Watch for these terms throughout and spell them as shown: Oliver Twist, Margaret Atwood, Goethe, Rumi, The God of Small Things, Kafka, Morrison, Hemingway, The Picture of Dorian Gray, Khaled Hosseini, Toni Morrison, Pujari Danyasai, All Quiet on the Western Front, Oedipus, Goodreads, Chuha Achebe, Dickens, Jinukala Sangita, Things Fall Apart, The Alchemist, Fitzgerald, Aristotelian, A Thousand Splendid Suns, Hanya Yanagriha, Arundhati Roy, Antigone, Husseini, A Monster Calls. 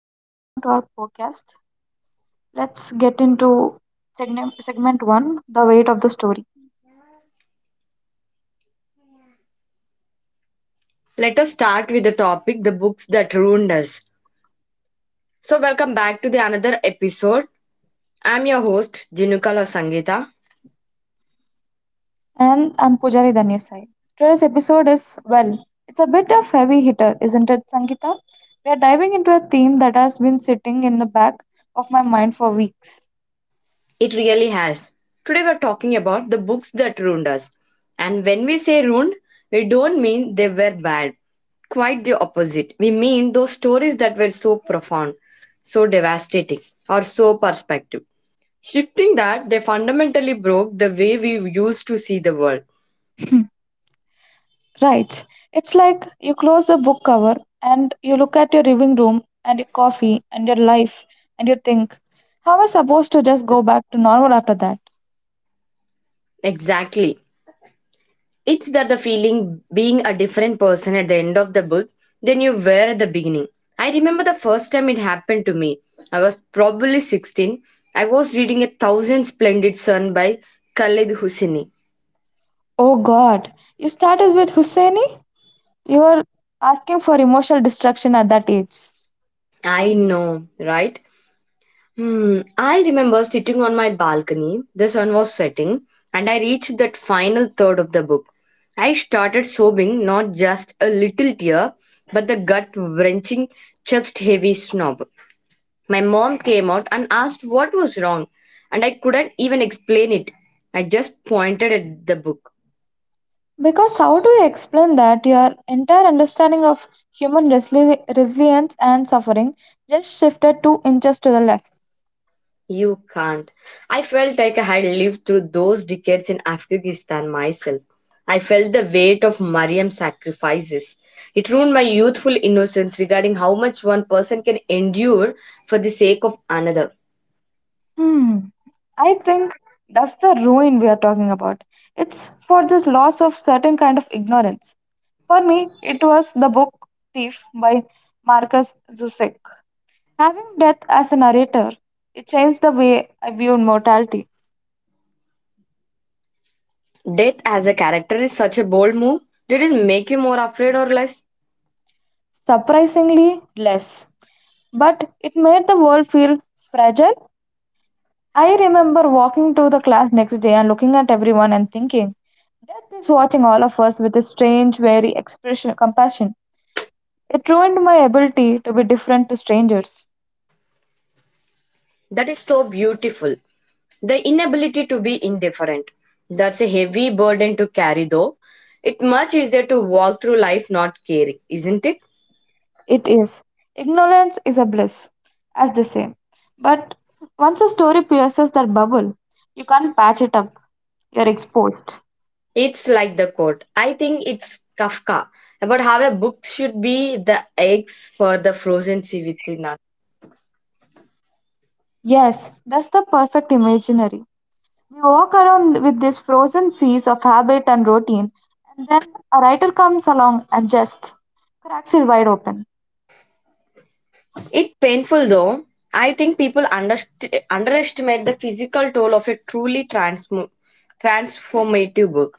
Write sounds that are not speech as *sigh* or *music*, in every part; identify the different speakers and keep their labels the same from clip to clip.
Speaker 1: Welcome to our podcast. Let's get into segment one, the weight of the story.
Speaker 2: Let us start with the topic the books that ruined us. Welcome back to the another episode. I'm your host, Jinukala Sangita.
Speaker 1: And I'm Pujari Danyasai. Today's episode is, well, it's a bit of heavy hitter, isn't it, Sangeeta? We are diving into a theme that has been sitting in the back of my mind for weeks.
Speaker 2: It really has. Today, we're talking about the books that ruined us. And when we say ruined, we don't mean they were bad. Quite the opposite. We mean those stories that were so profound, so devastating, or so perspective. Shifting that, they fundamentally broke the way we used to see the world.
Speaker 1: *laughs* Right. It's like you close the book cover and you look at your living room and your coffee and your life and you think, how am I supposed to just go back to normal after that?
Speaker 2: Exactly. It's that the feeling being a different person at the end of the book than you were at the beginning. I remember the first time it happened to me. I was probably 16. I was reading A Thousand Splendid Sun by Khaled Hosseini.
Speaker 1: Oh God, you started with Husseini? You are asking for emotional destruction at that age.
Speaker 2: I know, right? Hmm. I remember sitting on my balcony, the sun was setting, and I reached that final third of the book. I started sobbing, not just a little tear, but the gut wrenching, chest heavy sob. My mom came out and asked what was wrong, and I couldn't even explain it. I just pointed at the book.
Speaker 1: Because how do you explain that your entire understanding of human resilience and suffering just shifted 2 inches to the left?
Speaker 2: You can't. I felt like I had lived through those decades in Afghanistan myself. I felt the weight of Mariam's sacrifices. It ruined my youthful innocence regarding how much one person can endure for the sake of another.
Speaker 1: Hmm, I think that's the ruin we are talking about. It's for this loss of certain kind of ignorance. For me, it was the book Thief by Marcus Zussek. Having death as a narrator, it changed the way I viewed mortality.
Speaker 2: Death as a character is such a bold move. Did it make you more afraid or less?
Speaker 1: Surprisingly less. But it made the world feel fragile. I remember walking to the class next day and looking at everyone and thinking, death is watching all of us with a strange, wary expression compassion. It ruined my ability to be different to strangers.
Speaker 2: That is so beautiful. The inability to be indifferent. That's a heavy burden to carry, though. It much easier to walk through life not caring, isn't it?
Speaker 1: It is. Ignorance is a bliss, as they say. But once a story pierces that bubble, you can't patch it up. You're exposed.
Speaker 2: It's like the quote. I think it's Kafka about how a book should be the eggs for the frozen sea within us.
Speaker 1: Yes, that's the perfect imaginary. We walk around with these frozen seas of habit and routine, and then a writer comes along and just cracks it wide open.
Speaker 2: It's painful though. I think people underestimate the physical toll of a truly transformative book.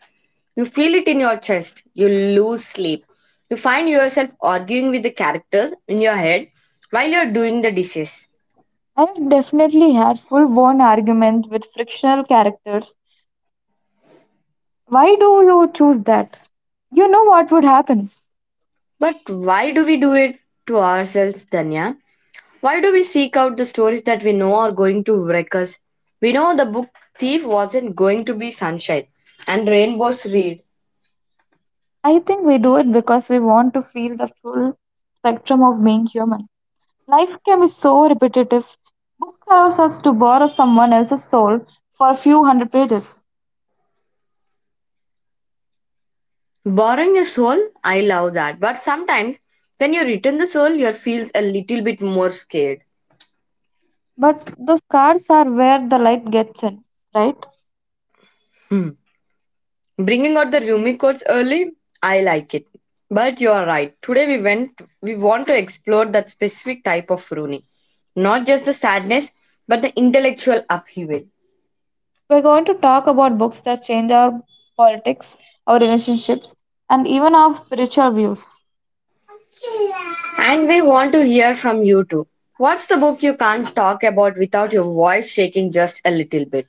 Speaker 2: You feel it in your chest. You lose sleep. You find yourself arguing with the characters in your head while you're doing the dishes.
Speaker 1: I've definitely had full blown arguments with frictional characters. Why do you choose that? You know what would happen.
Speaker 2: But why do we do it to ourselves, Danya? Why do we seek out the stories that we know are going to wreck us? We know the book Thief wasn't going to be sunshine and rainbows read.
Speaker 1: I think we do it because we want to feel the full spectrum of being human. Life can be so repetitive. Book allows us to borrow someone else's soul for a few hundred pages.
Speaker 2: Borrowing a soul, I love that. But sometimes when you return the soul, you feels a little bit more scared.
Speaker 1: But those cars are where the light gets in, right?
Speaker 2: Hmm. Bringing out the Rumi quotes early, I like it. But you are right. Today we went. We want to explore that specific type of Rumi, not just the sadness, but the intellectual upheaval.
Speaker 1: We're going to talk about books that change our politics, our relationships, and even our spiritual views.
Speaker 2: And we want to hear from you too. What's the book you can't talk about without your voice shaking just a little bit?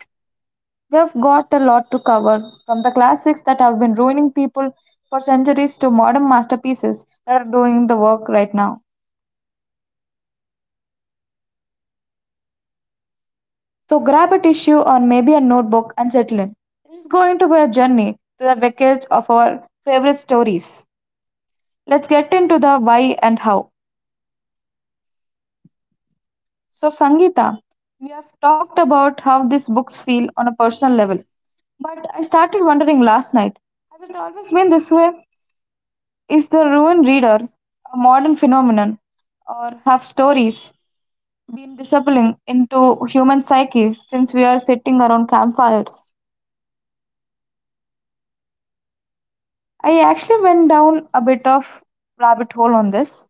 Speaker 1: We've got a lot to cover, from the classics that have been ruining people for centuries to modern masterpieces that are doing the work right now. So grab a tissue or maybe a notebook and settle in. This is going to be a journey to the wreckage of our favorite stories. Let's get into the why and how. So, Sangeeta, we have talked about how these books feel on a personal level, but I started wondering last night, has it always been this way? Is the ruined reader a modern phenomenon, or have stories been disappearing into human psyches since we are sitting around campfires? I actually went down a bit of rabbit hole on this.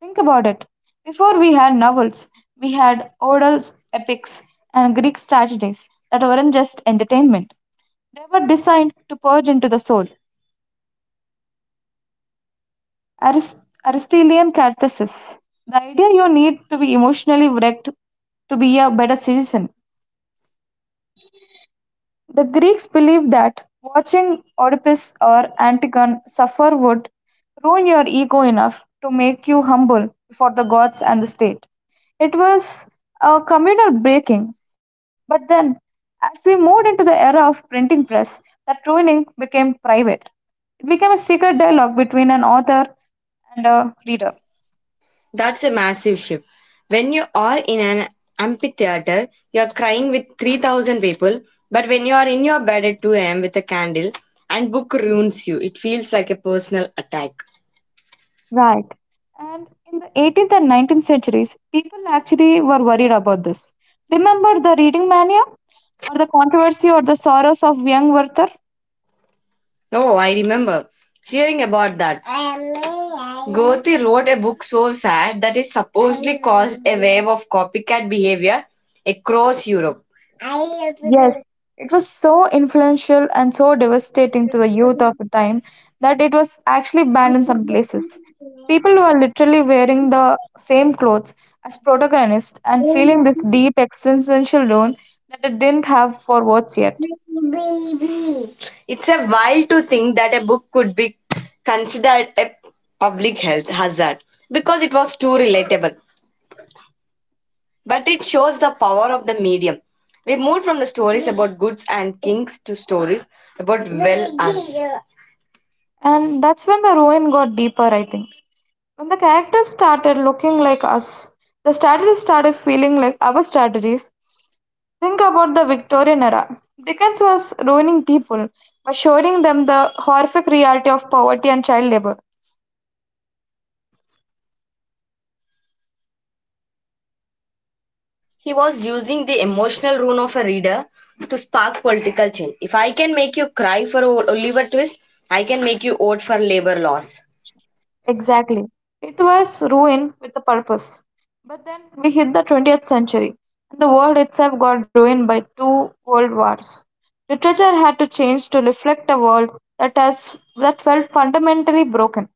Speaker 1: Think about it. Before we had novels, we had Odell's epics and Greek tragedies that weren't just entertainment. They were designed to purge into the soul. Aristotelian catharsis. The idea you need to be emotionally wrecked to be a better citizen. The Greeks believed that watching Oedipus or Antigone suffer would ruin your ego enough to make you humble before the gods and the state. It was a communal breaking. But then, as we moved into the era of printing press, that ruining became private. It became a secret dialogue between an author and a reader.
Speaker 2: That's a massive shift. When you are in an amphitheater, you're crying with 3,000 people, but when you are in your bed at 2 a.m. with a candle and book ruins you, it feels like a personal attack.
Speaker 1: Right. And in the 18th and 19th centuries, people actually were worried about this. Remember the reading mania or the controversy or the sorrows of young Werther?
Speaker 2: Oh, I remember hearing about that. Gothi wrote a book so sad that it supposedly caused a wave of copycat behavior across Europe.
Speaker 1: Yes. It was so influential and so devastating to the youth of the time that it was actually banned in some places. People were literally wearing the same clothes as protagonists and feeling this deep existential loan that they didn't have for words yet.
Speaker 2: It's a while to think that a book could be considered a public health hazard because it was too relatable, but it shows the power of the medium. We moved from the stories about goods and kings to stories about well us.
Speaker 1: And that's when the ruin got deeper, I think. When the characters started looking like us, the strategies started feeling like our strategies. Think about the Victorian era. Dickens was ruining people by showing them the horrific reality of poverty and child labor.
Speaker 2: He was using the emotional ruin of a reader to spark political change. If I can make you cry for Oliver Twist, I can make you vote for labor laws.
Speaker 1: Exactly. It was ruin with a purpose. But then we hit the 20th century, and the world itself got ruined by two world wars. Literature had to change to reflect a world that has that felt fundamentally broken.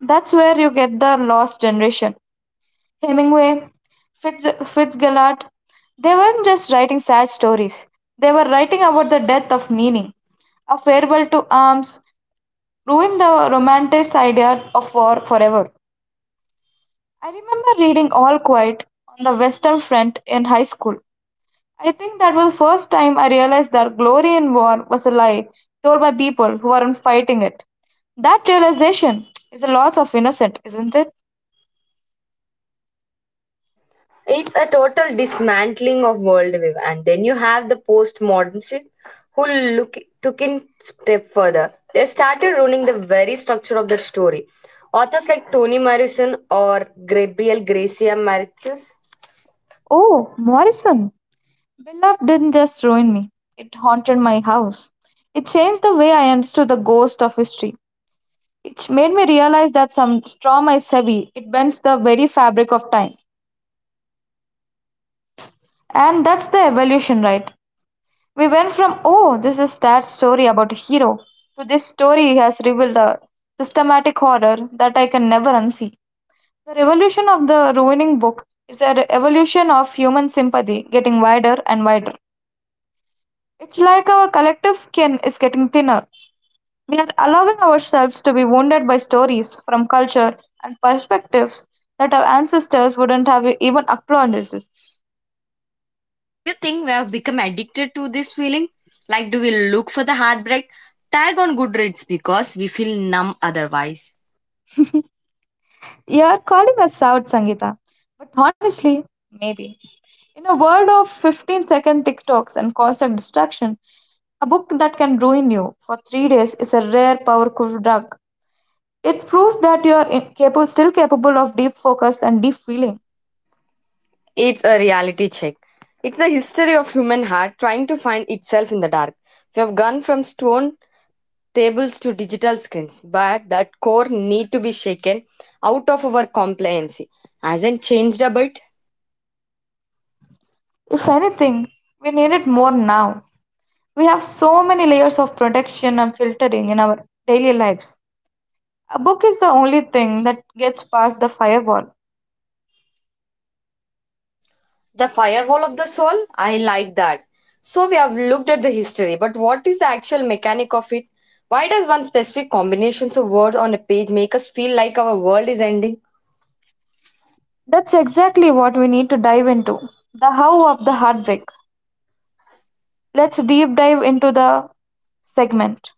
Speaker 1: That's where you get the lost generation. Hemingway, Fitz, Fitzgerald, they weren't just writing sad stories. They were writing about the death of meaning, a farewell to arms, ruin the romantic idea of war forever. I remember reading All Quiet on the Western Front in high school. I think that was the first time I realized that glory in war was a lie told by people who weren't fighting it. That realization is a loss of innocence, isn't it?
Speaker 2: It's a total dismantling of worldview, and then you have the postmodernists who look took in step further. They started ruining the very structure of the story. Authors like Toni Morrison or Gabriel Garcia Marquez.
Speaker 1: Oh, Morrison. The love didn't just ruin me, it haunted my house. It changed the way I understood the ghost of history. It made me realize that some trauma is heavy, it bends the very fabric of time. And that's the evolution, right? We went from, oh, this is a sad story about a hero, to this story has revealed a systematic horror that I can never unsee. The revolution of the ruining book is a re- evolution of human sympathy getting wider and wider. It's like our collective skin is getting thinner. We are allowing ourselves to be wounded by stories from culture and perspectives that our ancestors wouldn't have even acknowledged.
Speaker 2: Do you think we have become addicted to this feeling? Like, do we look for the heartbreak tag on Goodreads because we feel numb otherwise?
Speaker 1: You're calling us out, Sangeeta. But honestly, maybe. In a world of 15-second TikToks and constant distraction, a book that can ruin you for 3 days is a rare, powerful drug. It proves that you are capable, still capable of deep focus and deep feeling.
Speaker 2: It's a reality check. It's a history of human heart trying to find itself in the dark. We have gone from stone tables to digital screens, but that core need to be shaken out of our compliancy. Hasn't changed a bit.
Speaker 1: If anything, we need it more now. We have so many layers of protection and filtering in our daily lives. A book is the only thing that gets past the firewall.
Speaker 2: The firewall of the soul, I like that. So we have looked at the history, but what is the actual mechanic of it? Why does one specific combinations of words on a page make us feel like our world is ending?
Speaker 1: That's exactly what we need to dive into, the how of the heartbreak. Let's deep dive into the segment.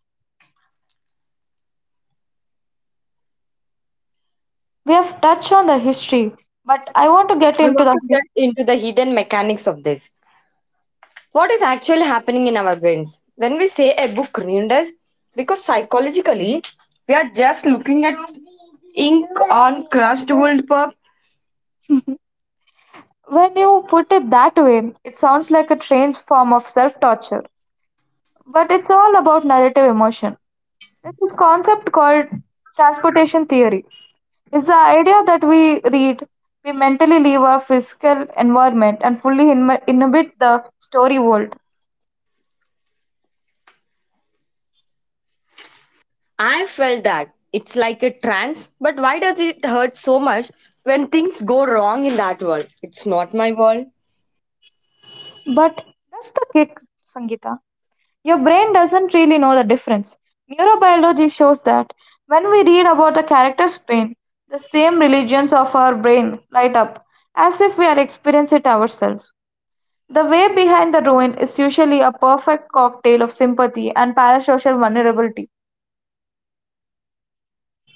Speaker 1: We have touched on the history, but I want to get
Speaker 2: I
Speaker 1: into
Speaker 2: want to get into the hidden mechanics of this. What is actually happening in our brains? When we say a book ruined us, because psychologically we are just looking at Ink on Crustable Pup.
Speaker 1: When you put it that way, it sounds like a strange form of self torture, but it's all about narrative emotion. There's this concept called transportation theory. It's the idea that we read, we mentally leave our physical environment and fully inhabit the story world.
Speaker 2: I felt that. It's like a trance, but why does it hurt so much when things go wrong in that world? It's not my world.
Speaker 1: But that's the kick, Sangeeta. Your brain doesn't really know the difference. Neurobiology shows that when we read about a character's pain, the same regions of our brain light up as if we are experiencing it ourselves. The way behind the ruin is usually a perfect cocktail of sympathy and parasocial vulnerability.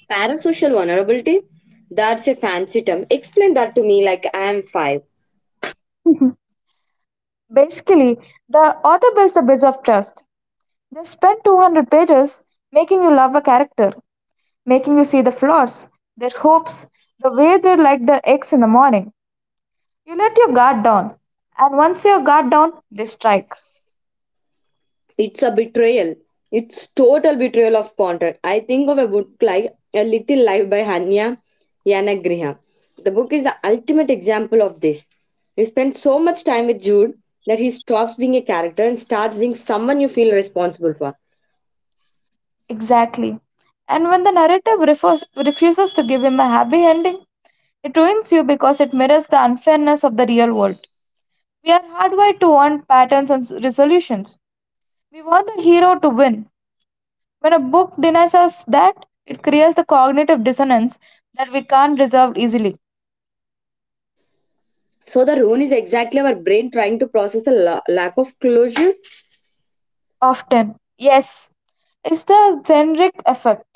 Speaker 2: Parasocial vulnerability? That's a fancy term. Explain that to me like I am five.
Speaker 1: Basically, the author builds a bridge of trust. They spend 200 pages making you love a character, making you see the flaws, their hopes, the way they like their eggs in the morning. You let your guard down, and once your guard down, they strike.
Speaker 2: It's a betrayal. It's total betrayal of contract. I think of a book like A Little Life by Hanya Yanagriha. The book is the ultimate example of this. You spend so much time with Jude that he stops being a character and starts being someone you feel responsible for.
Speaker 1: Exactly. And when the narrative refuses to give him a happy ending, it ruins you because it mirrors the unfairness of the real world. We are hardwired to want patterns and resolutions. We want the hero to win. When a book denies us that, it creates the cognitive dissonance that we can't resolve easily.
Speaker 2: So the rune is exactly our brain trying to process the lack of closure.
Speaker 1: Often, yes, it's the generic effect.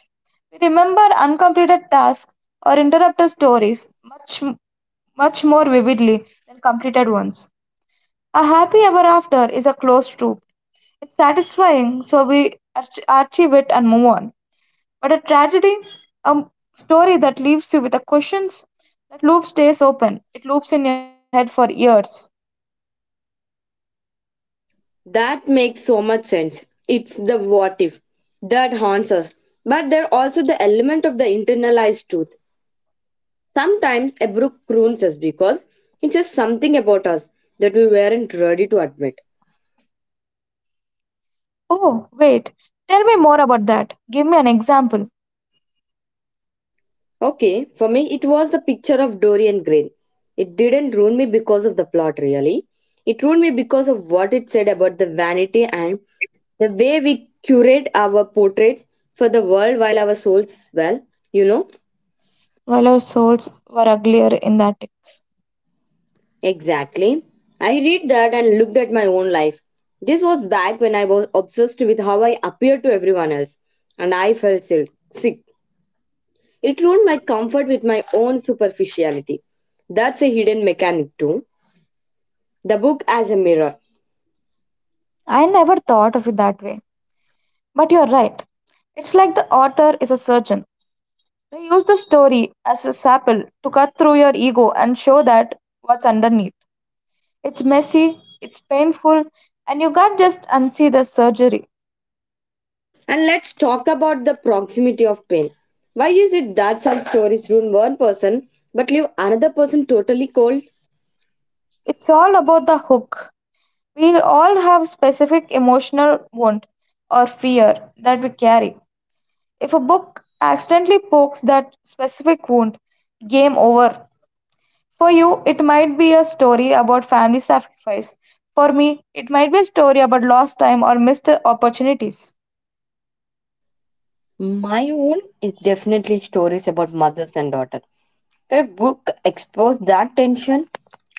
Speaker 1: We remember uncompleted tasks or interrupted stories much more vividly than completed ones. A happy ever after is a closed loop. It's satisfying, so we archive it and move on. But a tragedy, a story that leaves you with the questions, that loop stays open. It loops in your head for years.
Speaker 2: That makes so much sense. It's the what if that haunts us. But there are also the element of the internalized truth. Sometimes a book ruins us because it says something about us that we weren't ready to admit.
Speaker 1: Oh, wait, tell me more about that. Give me an example.
Speaker 2: Okay, for me, it was the picture of Dorian Gray. It didn't ruin me because of the plot, really. It ruined me because of what it said about the vanity and the way we curate our portraits for the world while our souls, well, you know,
Speaker 1: Well, our souls were uglier in that.
Speaker 2: exactly. I read that and looked at my own life. This was back when I was obsessed with how I appeared to everyone else, and I felt sick. Sick. It ruined my comfort with my own superficiality. That's a hidden mechanic too. The book as a mirror.
Speaker 1: I never thought of it that way. But you're right. It's like the author is a surgeon. They use the story as a scalpel to cut through your ego and show that what's underneath. It's messy, it's painful, and you can't just unsee the surgery.
Speaker 2: And let's talk about the proximity of pain. Why is it that some stories ruin one person but leave another person totally cold?
Speaker 1: It's all about the hook. We all have specific emotional wound or fear that we carry. If a book accidentally pokes that specific wound, game over. For you, it might be a story about family sacrifice. For me, it might be a story about lost time or missed opportunities.
Speaker 2: My own is definitely stories about mothers and daughter. If book exposed that tension,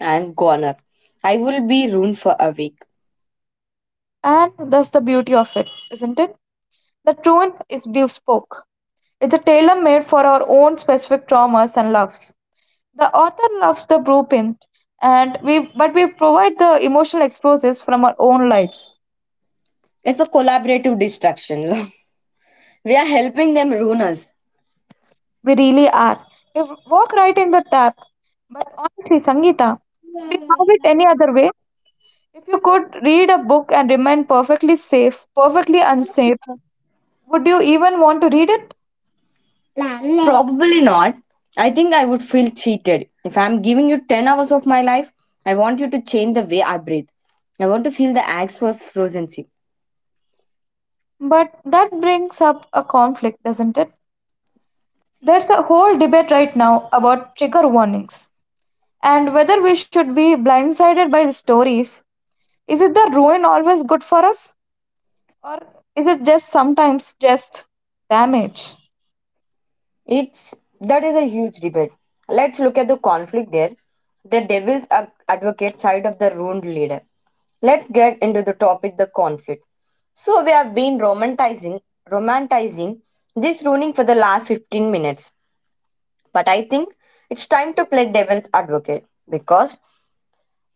Speaker 2: I'm goner. I will be ruined for a week.
Speaker 1: And that's the beauty of it, isn't it? The truant is bespoke. It's a tailor made for our own specific traumas and loves. The author loves the blueprint, and we but we provide the emotional explosives from our own lives.
Speaker 2: It's a collaborative destruction. *laughs* we are helping them ruin us.
Speaker 1: We really are. You walk right in the tap. But honestly, Sangeeta, would you have it any other way? If you could read a book and remain perfectly safe, perfectly unsafe, would you even want to read it?
Speaker 2: Probably not. I think I would feel cheated. If I'm giving you 10 hours of my life, I want you to change the way I breathe. I want to feel the axe for frozen sea.
Speaker 1: But that brings up a conflict, doesn't it? There's a whole debate right now about trigger warnings and whether we should be blindsided by the stories. Is it the ruin always good for us? Or is it just sometimes just damage?
Speaker 2: It's that is a huge debate. Let's look at the conflict there. The devil's advocate side of the ruined leader. Let's get into the topic the conflict. So we have been romanticizing this ruining for the last 15 minutes. But I think it's time to play devil's advocate because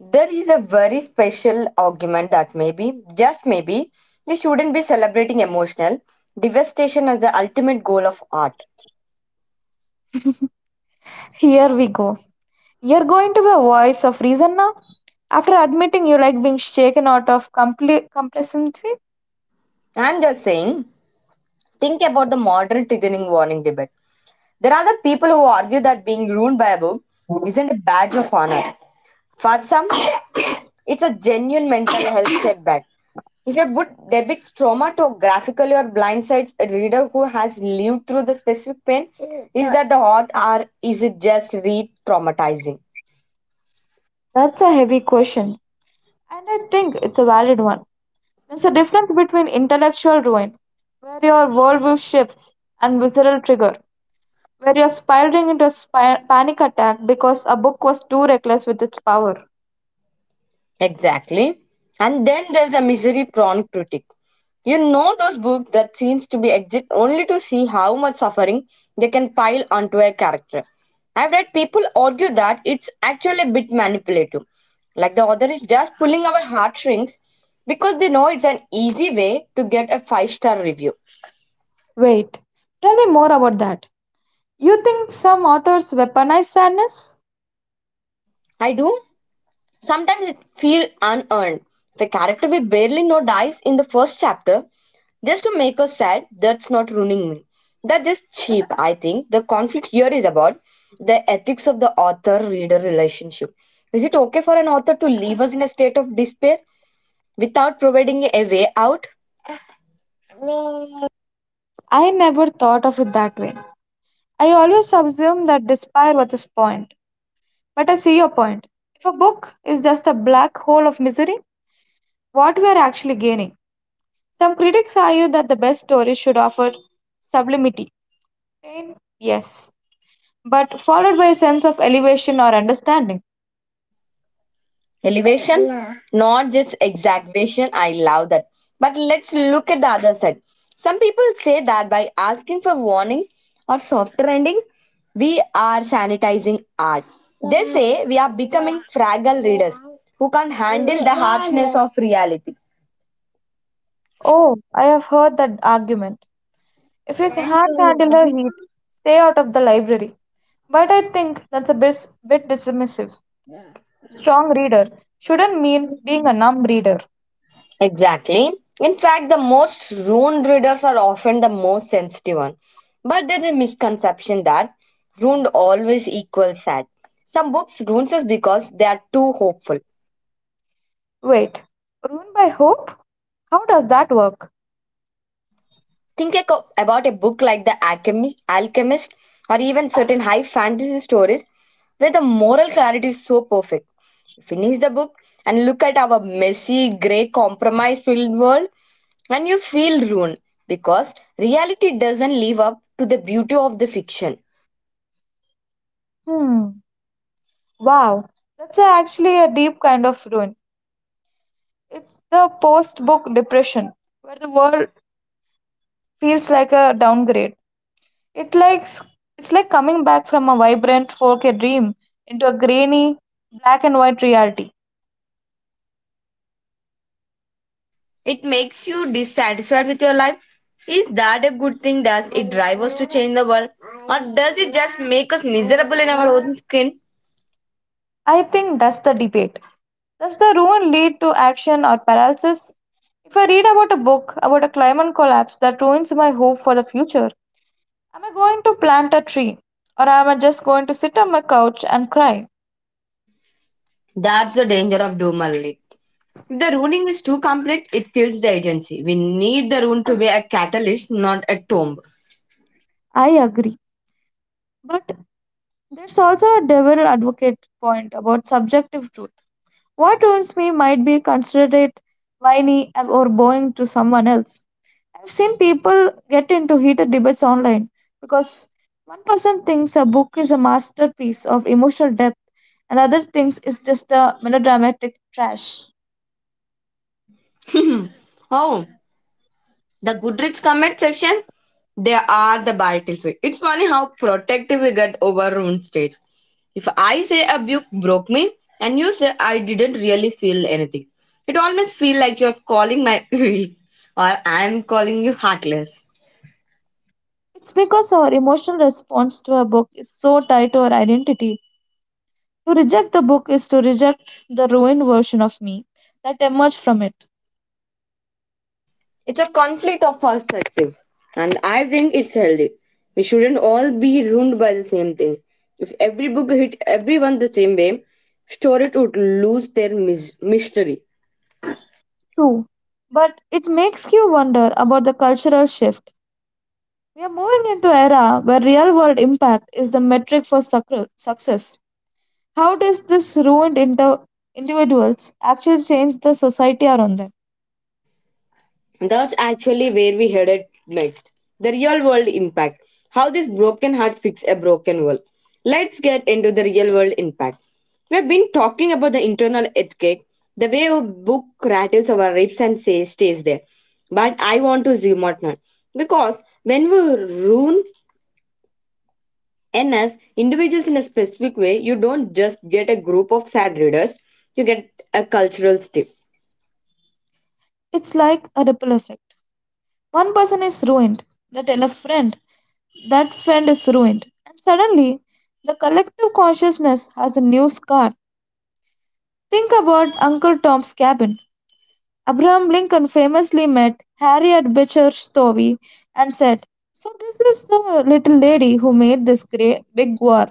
Speaker 2: there is a very special argument that maybe, just maybe, we shouldn't be celebrating emotional devastation as the ultimate goal of art.
Speaker 1: Here we go. You're going to be the voice of reason now? After admitting you like being shaken out of compli complacency?
Speaker 2: I'm just saying, think about the modern triggering warning debate. There are the people who argue that being ruined by a book isn't a badge of honor. For some, it's a genuine mental health setback. If a book depicts trauma to graphically or blindsides a reader who has lived through the specific pain, is that the art or is it just re traumatizing?
Speaker 1: That's a heavy question, and I think it's a valid one. There's a difference between intellectual ruin, where your worldview shifts, and visceral trigger, where you're spiraling into a panic attack because a book was too reckless with its power.
Speaker 2: Exactly. And then there's a misery prone critic. You know those books that seems to be exist only to see how much suffering they can pile onto a character. I've read people argue that it's actually a bit manipulative. Like the author is just pulling our heartstrings because they know it's an easy way to get a five-star review.
Speaker 1: Wait, tell me more about that. You think some authors weaponize sadness?
Speaker 2: I do. Sometimes it feels unearned. If a character we barely know dies in the first chapter, just to make us sad, that's not ruining me. That's just cheap, I think. The conflict here is about the ethics of the author reader relationship. Is it okay for an author to leave us in a state of despair without providing a way out?
Speaker 1: I never thought of it that way. I always assumed that despair was the point. But I see your point. If a book is just a black hole of misery, what we are actually gaining? Some critics argue that the best stories should offer sublimity. Pain? Yes. But followed by a sense of elevation or understanding.
Speaker 2: Elevation. Yeah, not just exacerbation, I love that. But let's look at the other side. Some people say that by asking for warnings or softer ending we are sanitizing art. They say we are becoming fragile readers who can't handle the harshness of reality.
Speaker 1: Oh, I have heard that argument. If you can't handle the heat, stay out of the library. But I think that's a bit dismissive. Strong reader shouldn't mean being a numb reader.
Speaker 2: Exactly. In fact, the most ruined readers are often the most sensitive one. But there's a misconception that ruined always equals sad. Some books ruins us because they are too hopeful.
Speaker 1: Wait, ruined by hope? How does that work?
Speaker 2: Think about a book like The Alchemist, Alchemist, or even certain high fantasy stories where the moral clarity is so perfect. Finish the book and look at our messy, grey, compromise filled world, and you feel ruined because reality doesn't live up to the beauty of the fiction.
Speaker 1: Hmm. Wow, that's actually a deep kind of ruin. It's the post-book depression, where the world feels like a downgrade. It likes it's like coming back from a vibrant 4K dream into a grainy black and white reality.
Speaker 2: It makes you dissatisfied with your life. Is that a good thing? Does it drive us to change the world? Or does it just make us miserable in our own skin?
Speaker 1: I think that's the debate. Does the ruin lead to action or paralysis? If I read about a book about a climate collapse that ruins my hope for the future, am I going to plant a tree or am I just going to sit on my couch and cry?
Speaker 2: That's the danger of doom. If the ruling is too complete, it kills the agency. We need the rune to be a catalyst, not a tomb.
Speaker 1: I agree. But there's also a devil advocate point about subjective truth. What owns me might be considered it or boring to someone else. I've seen people get into heated debates online because one person thinks a book is a masterpiece of emotional depth and other thinks it's just a melodramatic trash.
Speaker 2: *laughs* oh, the Goodreads comment section? They are the battlefield. It's funny how protective we get over rune stage. If I say a book broke me and you say I didn't really feel anything, it almost feels like you're calling my *laughs* weak or I'm calling you heartless.
Speaker 1: It's because our emotional response to a book is so tied to our identity. To reject the book is to reject the ruined version of me that emerged from it.
Speaker 2: It's a conflict of perspective, and I think it's healthy. We shouldn't all be ruined by the same thing. If every book hit everyone the same way, stories would lose their mystery.
Speaker 1: True, but it makes you wonder about the cultural shift. We are moving into an era where real world impact is the metric for success. How does this individuals actually change the society around them?
Speaker 2: That's actually where we headed next. The real world impact. How this broken heart fix a broken world. Let's get into the real world impact. We've been talking about the internal earthquake, the way a book rattles our ribs and say, stays there. But I want to zoom out now. Because when we ruin enough individuals in a specific way, you don't just get a group of sad readers, you get a cultural stir.
Speaker 1: It's like a ripple effect. One person is ruined, they tell a friend, that friend is ruined, and suddenly the collective consciousness has a new scar. Think about Uncle Tom's Cabin. Abraham Lincoln famously met Harriet Beecher Stowe and said, "So, this is the little lady who made this great big war."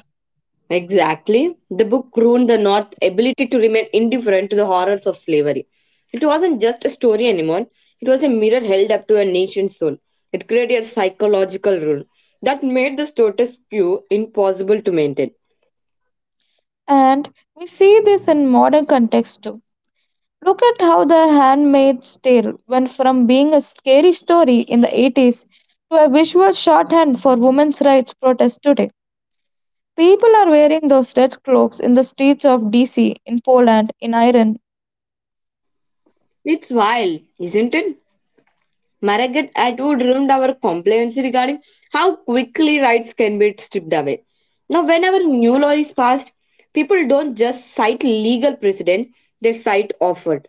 Speaker 2: Exactly. The book ruined the North's ability to remain indifferent to the horrors of slavery. It wasn't just a story anymore, it was a mirror held up to a nation's soul. It created a psychological rule that made the status quo impossible to maintain.
Speaker 1: And we see this in modern context too. Look at how The Handmaid's Tale went from being a scary story in the 80s to a visual shorthand for women's rights protests today. People are wearing those red cloaks in the streets of DC, in Poland, in Iran.
Speaker 2: It's wild, isn't it? Margaret Atwood ruined our complaints regarding how quickly rights can be stripped away. Now, whenever new law is passed, people don't just cite legal precedent, they cite offer.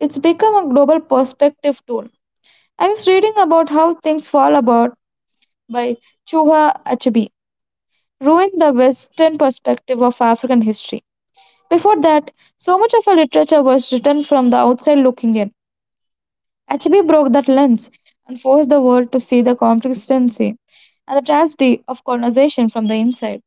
Speaker 1: It's become a global perspective tool. I was reading about how things fall apart by Chuha Achebe ruined the Western perspective of African history. Before that, so much of our literature was written from the outside looking in. Achebe broke that lens and forced the world to see the complexity and the tragedy of colonization from the inside.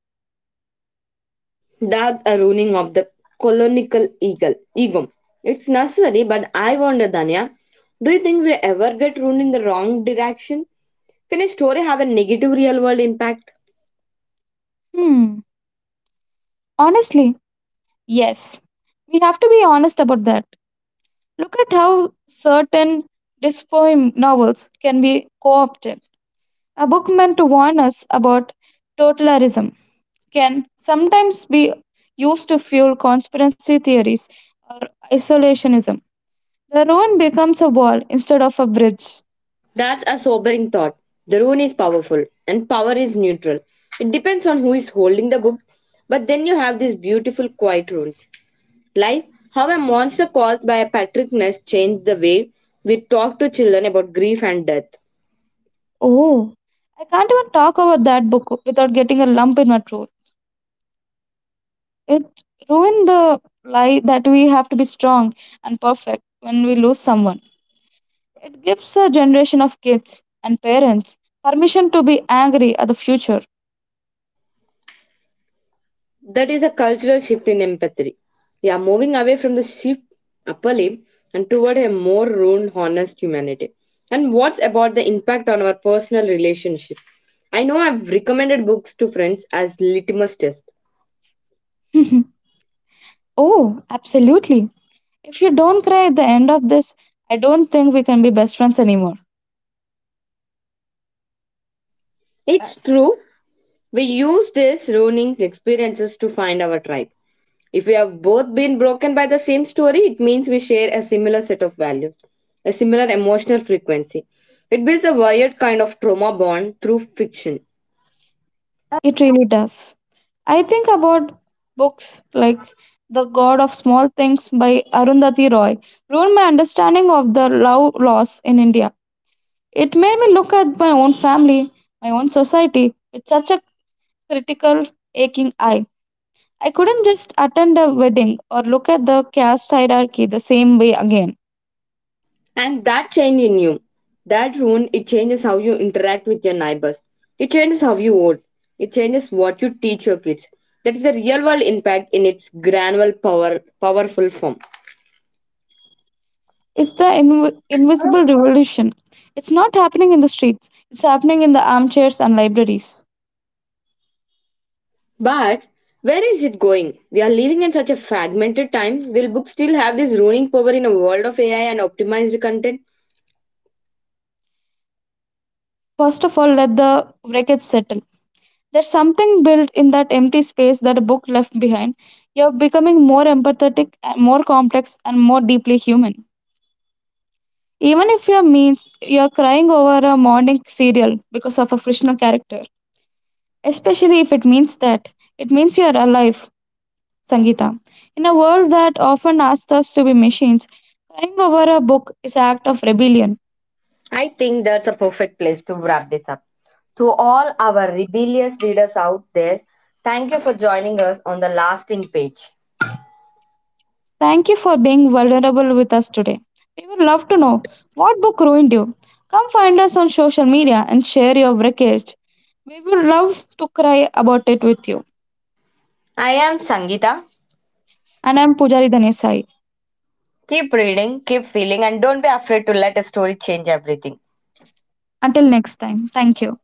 Speaker 2: That's a ruining of the colonial eagle ego. It's necessary, but I wonder, Danya, do you think we ever get ruined in the wrong direction? Can a story have a negative real world impact?
Speaker 1: Hmm, honestly, yes. We have to be honest about that. Look at how certain dystopian novels can be co opted. A book meant to warn us about totalitarianism can sometimes be used to fuel conspiracy theories or isolationism. The ruin becomes a wall instead of a bridge.
Speaker 2: That's a sobering thought. The rune is powerful, and power is neutral. It depends on who is holding the book, but then you have these beautiful quiet runes. Like how a monster caused by a Patrick Ness changed the way we talk to children about grief and death.
Speaker 1: Oh, I can't even talk about that book without getting a lump in my throat. It ruined the lie that we have to be strong and perfect when we lose someone. It gives a generation of kids and parents permission to be angry at the future.
Speaker 2: That is a cultural shift in empathy. We are moving away from the shift upper limb and toward a more round, honest humanity. And what's about the impact on our personal relationship? I know I've recommended books to friends as litmus test.
Speaker 1: *laughs* Oh, absolutely. If you don't cry at the end of this, I don't think we can be best friends anymore.
Speaker 2: It's true. We use these ruining experiences to find our tribe. If we have both been broken by the same story, it means we share a similar set of values, a similar emotional frequency. It builds a wired kind of trauma bond through fiction.
Speaker 1: It really does. I think about books like The God of Small Things by Arundhati Roy ruined my understanding of the love loss in India. It made me look at my own family, my own society with such a critical, aching eye. I couldn't just attend a wedding or look at the caste hierarchy the same way again.
Speaker 2: And that change in you, that ruin, it changes how you interact with your neighbors. It changes how you vote. It changes what you teach your kids. That is a real world impact in its granular power, powerful form.
Speaker 1: It's the invisible revolution. It's not happening in the streets, it's happening in the armchairs and libraries.
Speaker 2: But where is it going? We are living in such a fragmented time. Will books still have this ruining power in a world of AI and optimized content?
Speaker 1: First of all, let the wreckage settle. There's something built in that empty space that a book left behind. You're becoming more empathetic, and more complex, and more deeply human. Even if your means you're crying over a morning cereal because of a fictional character, especially if it means that it means you're alive, Sangeeta. In a world that often asks us to be machines, crying over a book is an act of rebellion.
Speaker 2: I think that's a perfect place to wrap this up. To all our rebellious readers out there, thank you for joining us on the lasting page.
Speaker 1: Thank you for being vulnerable with us today. We would love to know what book ruined you. Come find us on social media and share your wreckage. We would love to cry about it with you.
Speaker 2: I am Sangeeta.
Speaker 1: And I'm Pujari Dhanesai.
Speaker 2: Keep reading, keep feeling, and don't be afraid to let a story change everything.
Speaker 1: Until next time, thank you.